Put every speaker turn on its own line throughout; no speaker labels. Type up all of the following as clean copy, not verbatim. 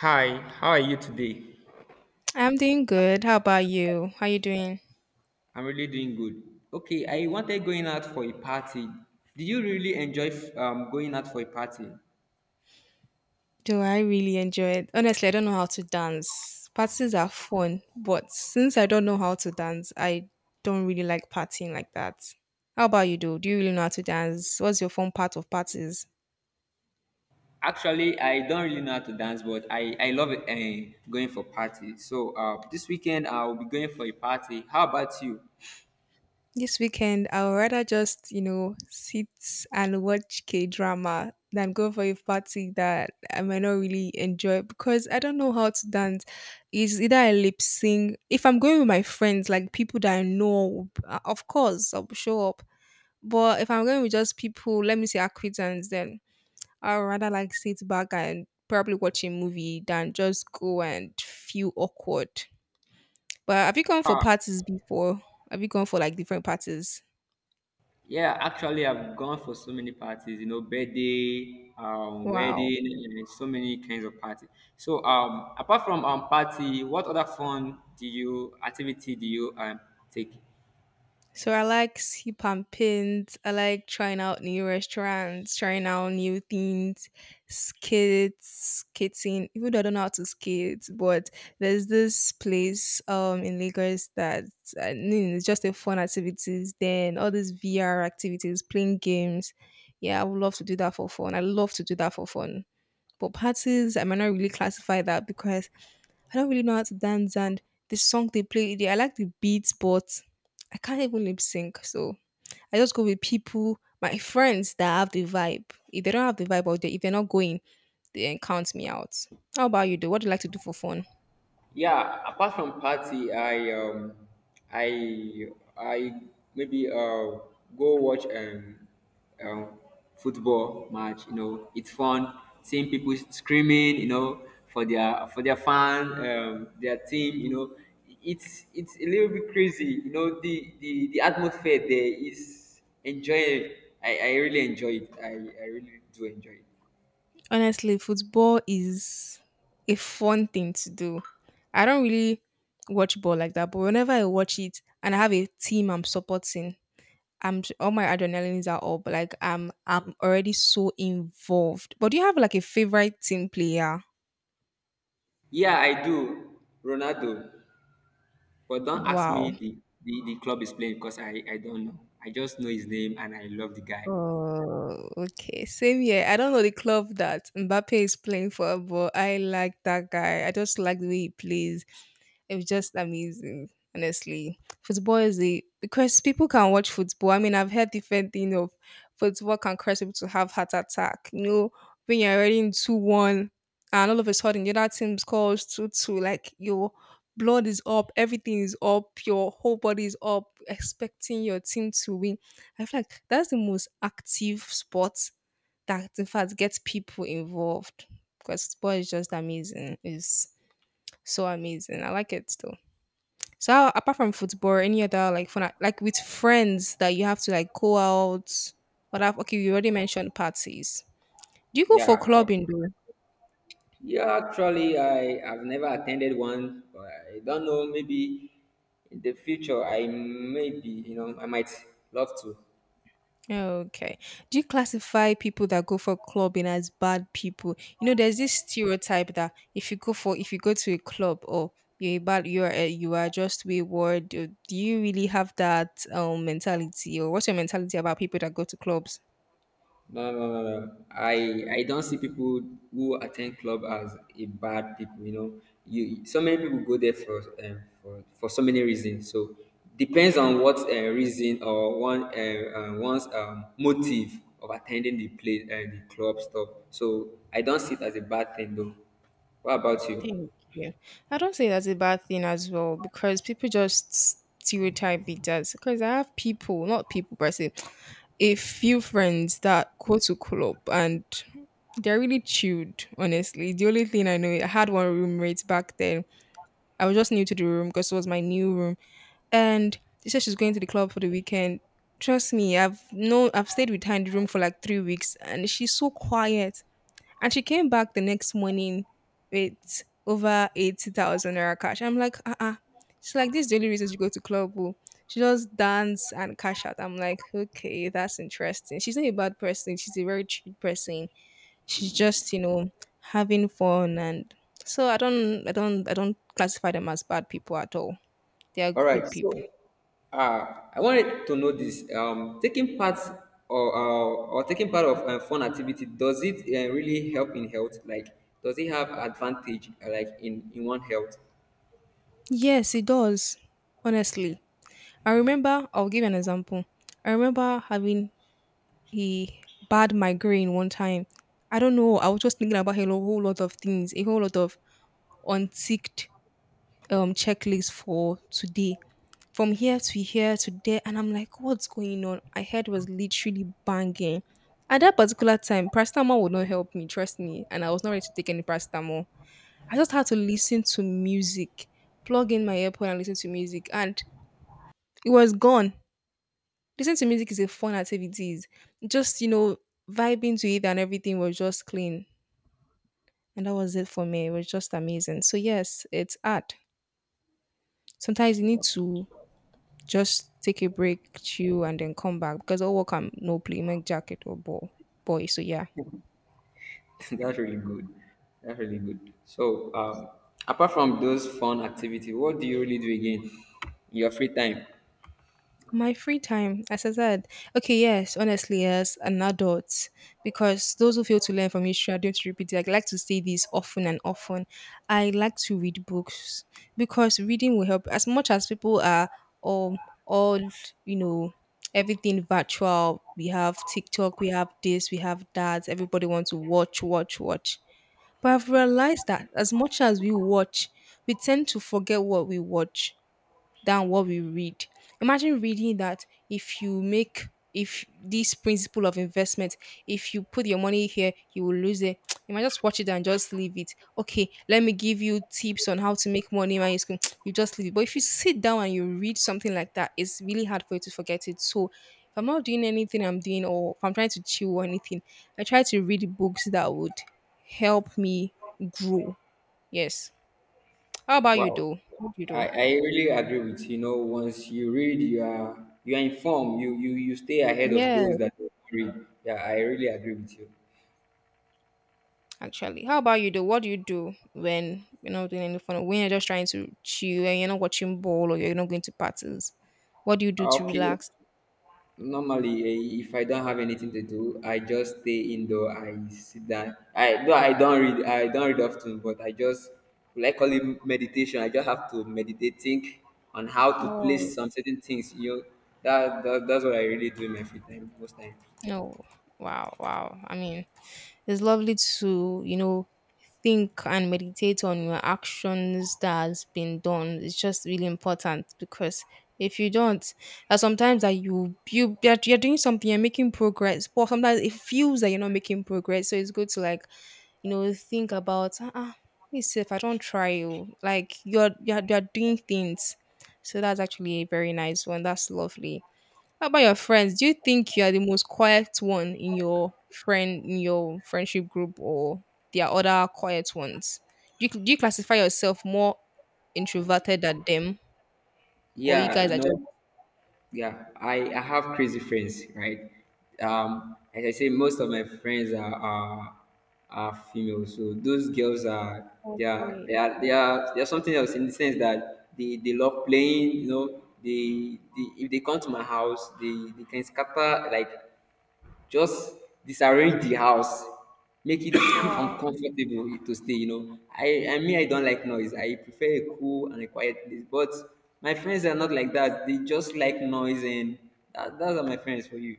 Hi, how are you today?
I'm doing good. How about you? How you doing?
I'm really doing good. Okay, I wanted going out for a party. Did you really enjoy going out for a party?
Do I really enjoy it? Honestly, I don't know how to dance. Parties are fun, but since I don't know how to dance, I don't really like partying like that. How about you, though? Do you really know how to dance? What's your fun part of parties?
Actually, I don't really know how to dance, but I love it, going for party. So this weekend I'll be going for a party. How about you?
This weekend, I would rather just, you know, sit and watch K drama than go for a party that I might not really enjoy because I don't know how to dance. It's either I lip sync. If I'm going with my friends, like people that I know, of course, I'll show up. But if I'm going with just people, let me say acquaintance, then I'd rather like sit back and probably watch a movie than just go and feel awkward. But have you gone for parties before? Have you gone for like different parties?
Yeah, actually I've gone for so many parties. You know, birthday,
Wow.
wedding, and so many kinds of party. So apart from party, what other fun do you activity do you take?
So I like sip and paint. I like trying out new restaurants, trying out new things, skates, skating. Even though I don't know how to skate, but there's this place in Lagos that I mean, it's just a fun activities. Then all these VR activities, playing games. Yeah, I would love to do that for fun. I love to do that for fun. But parties, I might not really classify that because I don't really know how to dance, and the song they play, I like the beats, but I can't even lip sync. So I just go with people, my friends that have the vibe. If they don't have the vibe, if they're not going, then count me out. How about you? Do what do you like to do for fun?
Yeah, apart from party, I I maybe go watch um football match. You know, it's fun seeing people screaming. You know, for their fan, their team. You know, it's a little bit crazy. You know, the atmosphere there is enjoyable. I really enjoy it. I really do enjoy it.
Honestly, football is a fun thing to do. I don't really watch ball like that, but whenever I watch it and I have a team I'm supporting, all my adrenalines are up. Like I'm already so involved. But do you have like a favorite team player?
Yeah, I do. Ronaldo. But don't ask
Wow.
me the club is playing because I don't know. I just know his name and I love the guy.
Oh, okay. Same here. I don't know the club that Mbappe is playing for, but I like that guy. I just like the way he plays. It was just amazing, honestly. Football is the because people can watch football. I mean, I've heard different thing of football can cause people to have heart attack. You know, when you're already in 2-1, and all of a sudden the other team scores two two, like your blood is up, everything is up, your whole body is up, expecting your team to win. I feel like that's the most active sport that in fact gets people involved because sport is just amazing. It's so amazing. I like it though. Apart from football, any other like fun like with friends that you have to like go out? What I've okay, you already mentioned parties. Do you go for
Yeah,
clubbing though?
yeah. Actually, I have never attended one, but I don't know. Maybe in the future, I maybe you know I might love to.
Okay. Do you classify people that go for clubbing as bad people? You know, there's this stereotype that if you go to a club or you are just wayward. Do you really have that mentality, or what's your mentality about people that go to clubs?
No, no, no, no. I don't see people who attend club as a bad people. You know, you so many people go there for so many reasons. So depends on what reason or one's motive of attending the club stuff. So I don't see it as a bad thing though. What about you?
Thank you. I don't say that's a bad thing as well because people just stereotype it as because I have people, not people, but I say a few friends that go to club and they're really chilled, honestly. The only thing I know, I had one roommate back then. I was just new to the room because it was my new room. And she said she's going to the club for the weekend. Trust me, I've stayed with her in the room for like 3 weeks and she's so quiet. And she came back the next morning with over 80,000 naira cash. I'm like, uh. She's like, this is the only reason she go to club. Oh. She just dance and cash out. I'm like, okay, that's interesting. She's not a bad person. She's a very chill person. She's just, you know, having fun. And so I don't classify them as bad people at all. They are
All right.
good people.
So, I wanted to know this. Taking part or taking part of a fun activity, does it really help in health? Like, does it have advantage like in one health?
Yes, it does. Honestly, I remember. I'll give you an example. I remember having a bad migraine one time. I don't know. I was just thinking about whole lot of things, a whole lot of unticked checklist for today. From here to here to there, and I'm like, what's going on? My head was literally banging. At that particular time, paracetamol would not help me, trust me. And I was not ready to take any paracetamol. I just had to listen to music, plug in my earphone and listen to music, and it was gone. Listening to music is a fun activities. Just, you know, vibing to it and everything was just clean. And that was it for me. It was just amazing. So yes, it's art. Sometimes you need to just take a break, chill, and then come back because all work and no play make jacket or ball boy. So yeah.
That's really good. That's really good. So, apart from those fun activity, what do you really do again in your free time?
My free time, as I said, okay, yes, honestly, yes, an adult, because those who fail to learn from history are doomed to repeat it. I like to say this often and often. I like to read books because reading will help. As much as people are um all you know everything virtual, we have TikTok, we have this, we have that. Everybody wants to watch, watch, watch. But I've realized that as much as we watch, we tend to forget what we watch than what we read. Imagine reading that if you make if this principle of investment, if you put your money here, you will lose it. You might just watch it and just leave it. Okay, let me give you tips on how to make money. Man, you just leave it. But if you sit down and you read something like that, it's really hard for you to forget it. So if I'm not doing anything I'm doing or if I'm trying to chill or anything, I try to read books that would help me grow. Yes. How about you
Wow.
though? What do you do?
I really agree with you. You know, once you read, you are informed. You stay ahead of
Yeah,
those that don't read. Yeah, I really agree with you.
actually. How about you though? What do you do when you're not doing any fun, when you're just trying to chill and you're not watching ball or you're not going to parties? What do you do to
Okay.
relax?
Normally, eh, if I don't have anything to do, I just stay indoor. I sit down. I no, I don't read. I don't read often, but I just like call it meditation. I just have to meditate, think on how to
Oh,
place some certain things. You know, that's what I really do in my free time most times.
no. Wow, wow. I mean, it's lovely to, you know, think and meditate on your actions that has been done. It's just really important because if you don't, that sometimes that you're doing something, you're making progress, but sometimes it feels that you're not making progress. So it's good to like you know, think about ah, me if I don't try you. Like you're doing things. So that's actually a very nice one. That's lovely. How about your friends? Do you think you are the most quiet one in your friendship group or there are other quiet ones? Do you classify yourself more introverted than them? Or you
Yeah,
guys
you
are
know.
just.
Yeah, I have crazy friends, right? As I say, most of my friends are female, so those girls are
Okay.
they are something else in the sense that they love playing. You know, they if they come to my house, they can scatter like just disarrange the house, make it
Wow.
uncomfortable to stay, you know. I mean I don't like noise. I prefer a cool and a quiet place. But my friends are not like that. They just like noise. And those are my friends for you.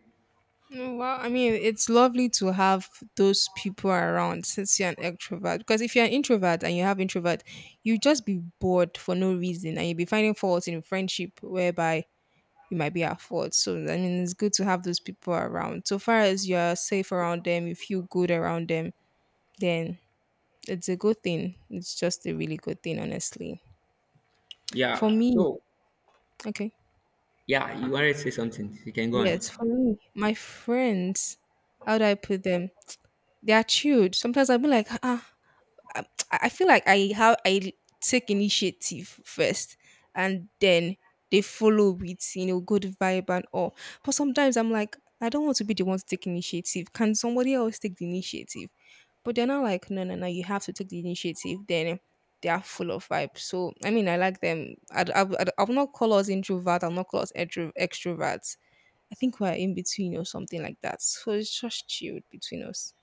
Mm, well, I mean, it's lovely to have those people around since you're an extrovert. Because if you're an introvert and you have introvert, you just be bored for no reason and you'll be finding fault in friendship whereby you might be at fault. So, I mean, it's good to have those people around. So far as you're safe around them, you feel good around them, then it's a good thing. It's just a really good thing, honestly. For
Yeah.
me,
So,
okay.
yeah, you wanted to say something. You can go
Yes,
on.
for me, my friends, how do I put them? They are chilled. Sometimes I'll be like, ah, I, I feel like I have I take initiative first, and then they follow with you know good vibe and all. But sometimes I'm like, I don't want to be the one to take initiative. Can somebody else take the initiative? But they're not like, no, no, no, you have to take the initiative. Then they are full of vibe. So I mean, I like them. I will not call us introvert. I'll not call us extroverts. I think we're in between or something like that. So it's just chilled between us.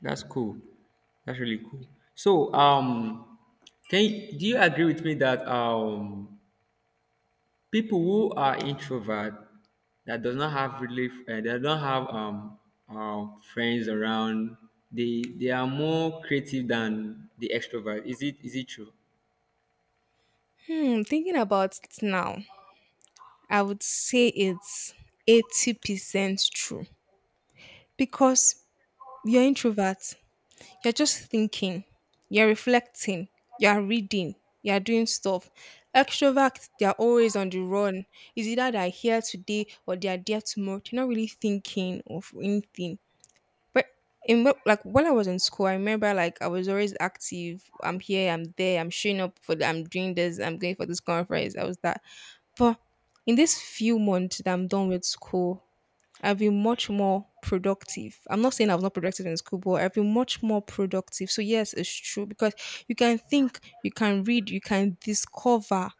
That's cool. That's really cool. So, can you, do you agree with me that people who are introvert, that does not have really they don't have friends around. They are more creative than the extrovert. Is it true?
Hmm, thinking about it now. I would say it's 80% true because you're introvert. You're just thinking, you're reflecting, you're reading, you're doing stuff. Extroverts, they're always on the run. Is either they're here today or they're there tomorrow. They're not really thinking of anything. But like when I was in school, I remember like I was always active. I'm here, I'm there, I'm showing up for the, I'm doing this, I'm going for this conference. I was that. But in this few months that I'm done with school, I've been much more productive. I'm not saying I was not productive in school, but I've been much more productive. So yes, it's true because you can think, you can read, you can discover,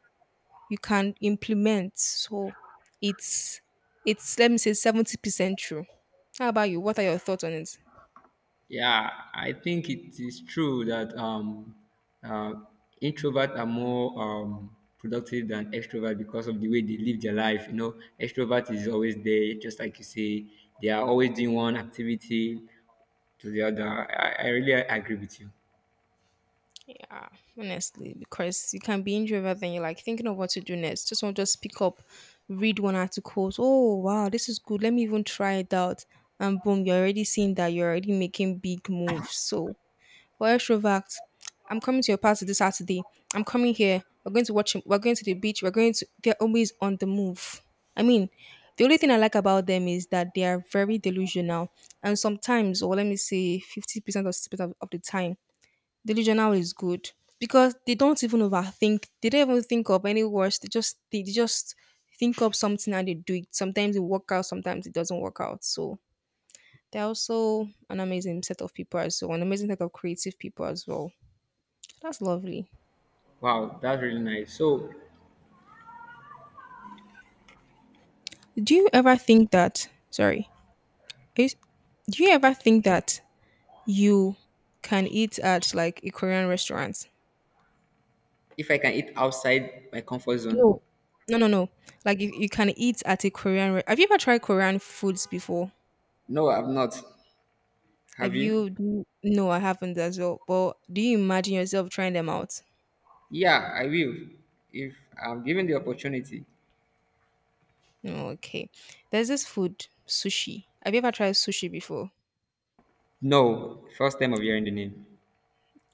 you can implement. So it's it's let me say 70% true. How about you? What are your thoughts on it?
Yeah, I think it is true that uh, introverts are more productive than extroverts because of the way they live their life. You know, extrovert is always there, just like you say, they are always doing one activity to the other. I really agree with you.
Yeah, honestly, because you can be introvert and you're like thinking of what to do next. Just want to just pick up, read one article. Oh wow, this is good. Let me even try it out. And boom, you're already seeing that you're already making big moves. So for extrovert, I'm coming to your party this Saturday. I'm coming here. We're going to watch. We're going to the beach. We're going to. They're always on the move. I mean, the only thing I like about them is that they are very delusional, and sometimes, or let me say, 50% or 60% of the time the regional is good because they don't even overthink. They don't even think of any words. They just think up something and they do it. Sometimes it work out. Sometimes it doesn't work out. So they're also an amazing set of people as well. An amazing set of creative people as well. That's lovely.
Wow, that's really nice. So,
Do you ever think that? Sorry, is, do you ever think that you can eat at like a Korean restaurant?
if I can eat outside my comfort zone,
No, no, no, no. Like you can eat at a Korean. Have you ever tried Korean foods before?
no, I've not.
Have
Have you?
you? No, I haven't as well. But do you imagine yourself trying them out?
Yeah, I will. If I'm given the opportunity.
No, okay. There's this food, sushi. Have you ever tried sushi before?
No, first time of hearing the name.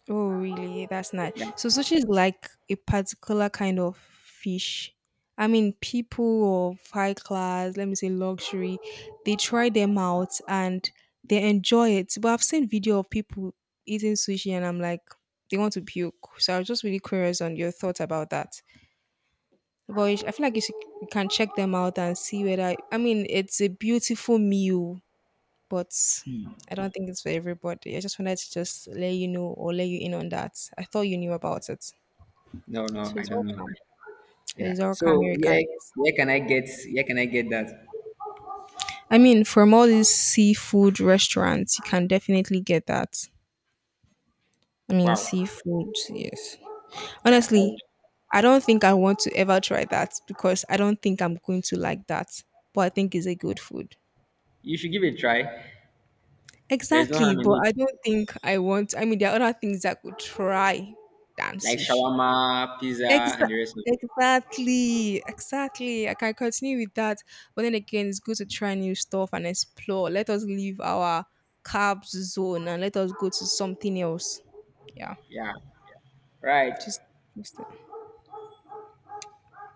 Oh, really? That's nice.
Yeah.
So sushi is like a particular kind of fish. I mean, people of high class, let me say luxury, they try them out and they enjoy it. But I've seen video of people eating sushi, and I'm like, they want to puke. So I was just really curious on your thoughts about that. I feel like you, should, you can check them out and see whether. I mean, it's a beautiful meal, but I don't think it's for everybody. I just wanted to just let you know or let you in on that. I thought you knew about it.
No, no,
So
I
it's
don't know.
welcome. So
Yeah.
it's welcome,
So
Erica.
where can I get that?
I mean, from all these seafood restaurants, you can definitely get that. I mean,
Wow.
seafood, yes.
Yeah.
Honestly,
I
I don't think I want to ever try that because I don't think I'm going to like that. But I think it's a good food.
You should give it a try. There's no
Exactly,
harm in
but
it.
I don't think I want. I mean, there are other things I could try than
Like
sushi.
shawarma, pizza,
Exa-
and the rest of it.
exactly. I can continue with that, but then again, it's good to try new stuff and explore. Let us leave our carbs zone and let us go to something else. Yeah,
Yeah. Right.
just, just that.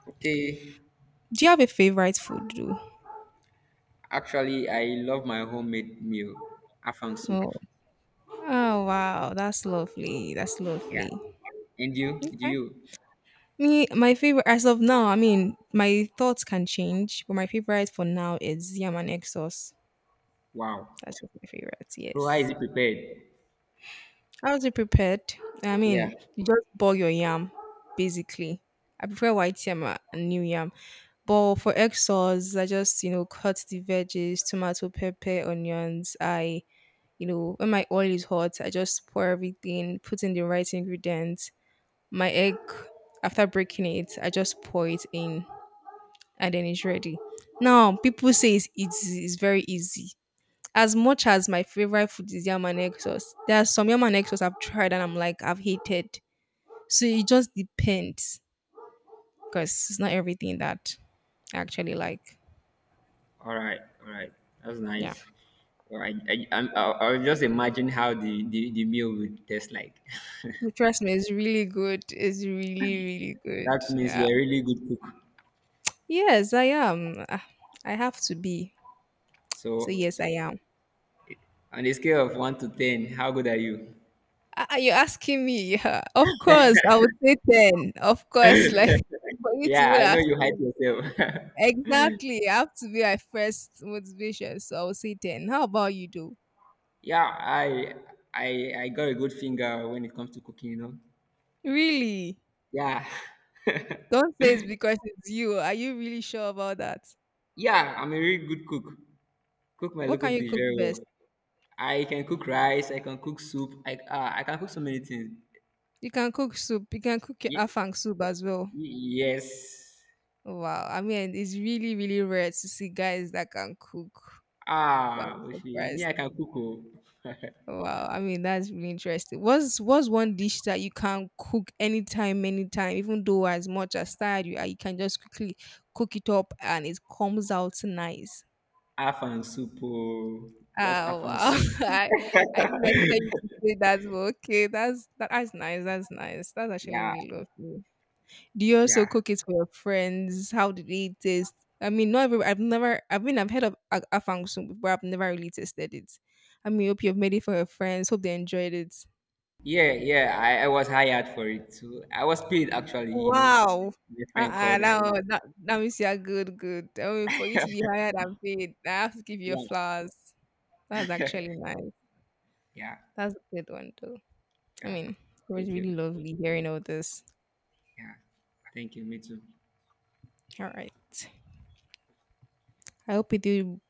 Okay.
Do you have a favorite food, though?
Actually, I love my homemade meal, afang soup.
Oh, oh wow, that's lovely. That's
Yeah.
lovely.
And you? Do you?
Me, my favorite as of now, I mean, my thoughts can change, but my favorite for now is yam and egg sauce.
Wow.
That's just my favorite.
So how is
Yes.
it prepared?
How is it prepared? I
Yeah.
mean, you just boil your yam, basically. I prefer white yam and new yam. But for egg sauce, I just you know cut the veggies, tomato, pepper, onions. I you know when my oil is hot, I just pour everything, put in the right ingredients. My egg, after breaking it, I just pour it in and then it's ready. Now, people say it's very easy. As much as my favorite food is yam and egg sauce, there are some yam and egg sauce I've tried and I'm like, I've hated. So it just depends because it's not everything that I actually like.
All right. All right. That's
Yeah.
nice. All right. I was just imagine how the meal would taste like.
But trust me, it's really good. It's really, really good.
That means
Yeah.
you're a really good cook.
Yes, I am. Ah, I have to be. So,
So
yes, I am.
on a scale of 1 to 10, how good are you?
Ah, ah, you're asking me. Yeah. Of course, I would say 10. Of course, like for you to
Yeah,
even
I know
ask
you hype
me.
yourself.
Exactly. I have to be my first motivation. So I'll say 10. How about you, though?
Yeah, I got a good finger when it comes to cooking, you know.
Really?
Yeah.
Don't say it's because it's you. Are you really sure about that?
Yeah, I'm a really good cook. Cook my
What
local
can you
dish
cook
very
best?
well. I can cook rice. I can cook soup. I can cook so many things.
You can cook soup. You can cook your
Ye-
afang soup as well.
yes.
Wow. I mean, it's really, really rare to see guys that can cook. Wow,
Ah,
I'm
Oshie, me
surprised.
I can cook. Oh.
Wow. I mean, that's really interesting. What's one dish that you can cook anytime, anytime, even though as much as tired you are, you can just quickly cook it up and it comes out nice.
Half and soup. Oh. Just
Ah,
half and
wow.
soup.
I I didn't expect you to say that, but okay, that's that, that's nice. That's nice. That's actually
Yeah,
really lovely. Do you also
yeah,
cook it for your friends? How did it taste? I mean, not every. I've never. I mean, I've heard of afang but I've never really tasted it. I mean, hope you've made it for your friends. Hope they enjoyed it.
yeah. I was hired for it too. I was paid actually. You know,
Wow.
my friend
Uh-uh,
called. I,
that means you're good. I mean, for you to be hired and paid, I have to give you
yeah,
flowers. That's actually nice.
yeah,
That's a good one, though. I
yeah.
mean, it was
Thank
really
you.
lovely hearing all this.
Yeah, thank you. Me too.
All right. I hope you do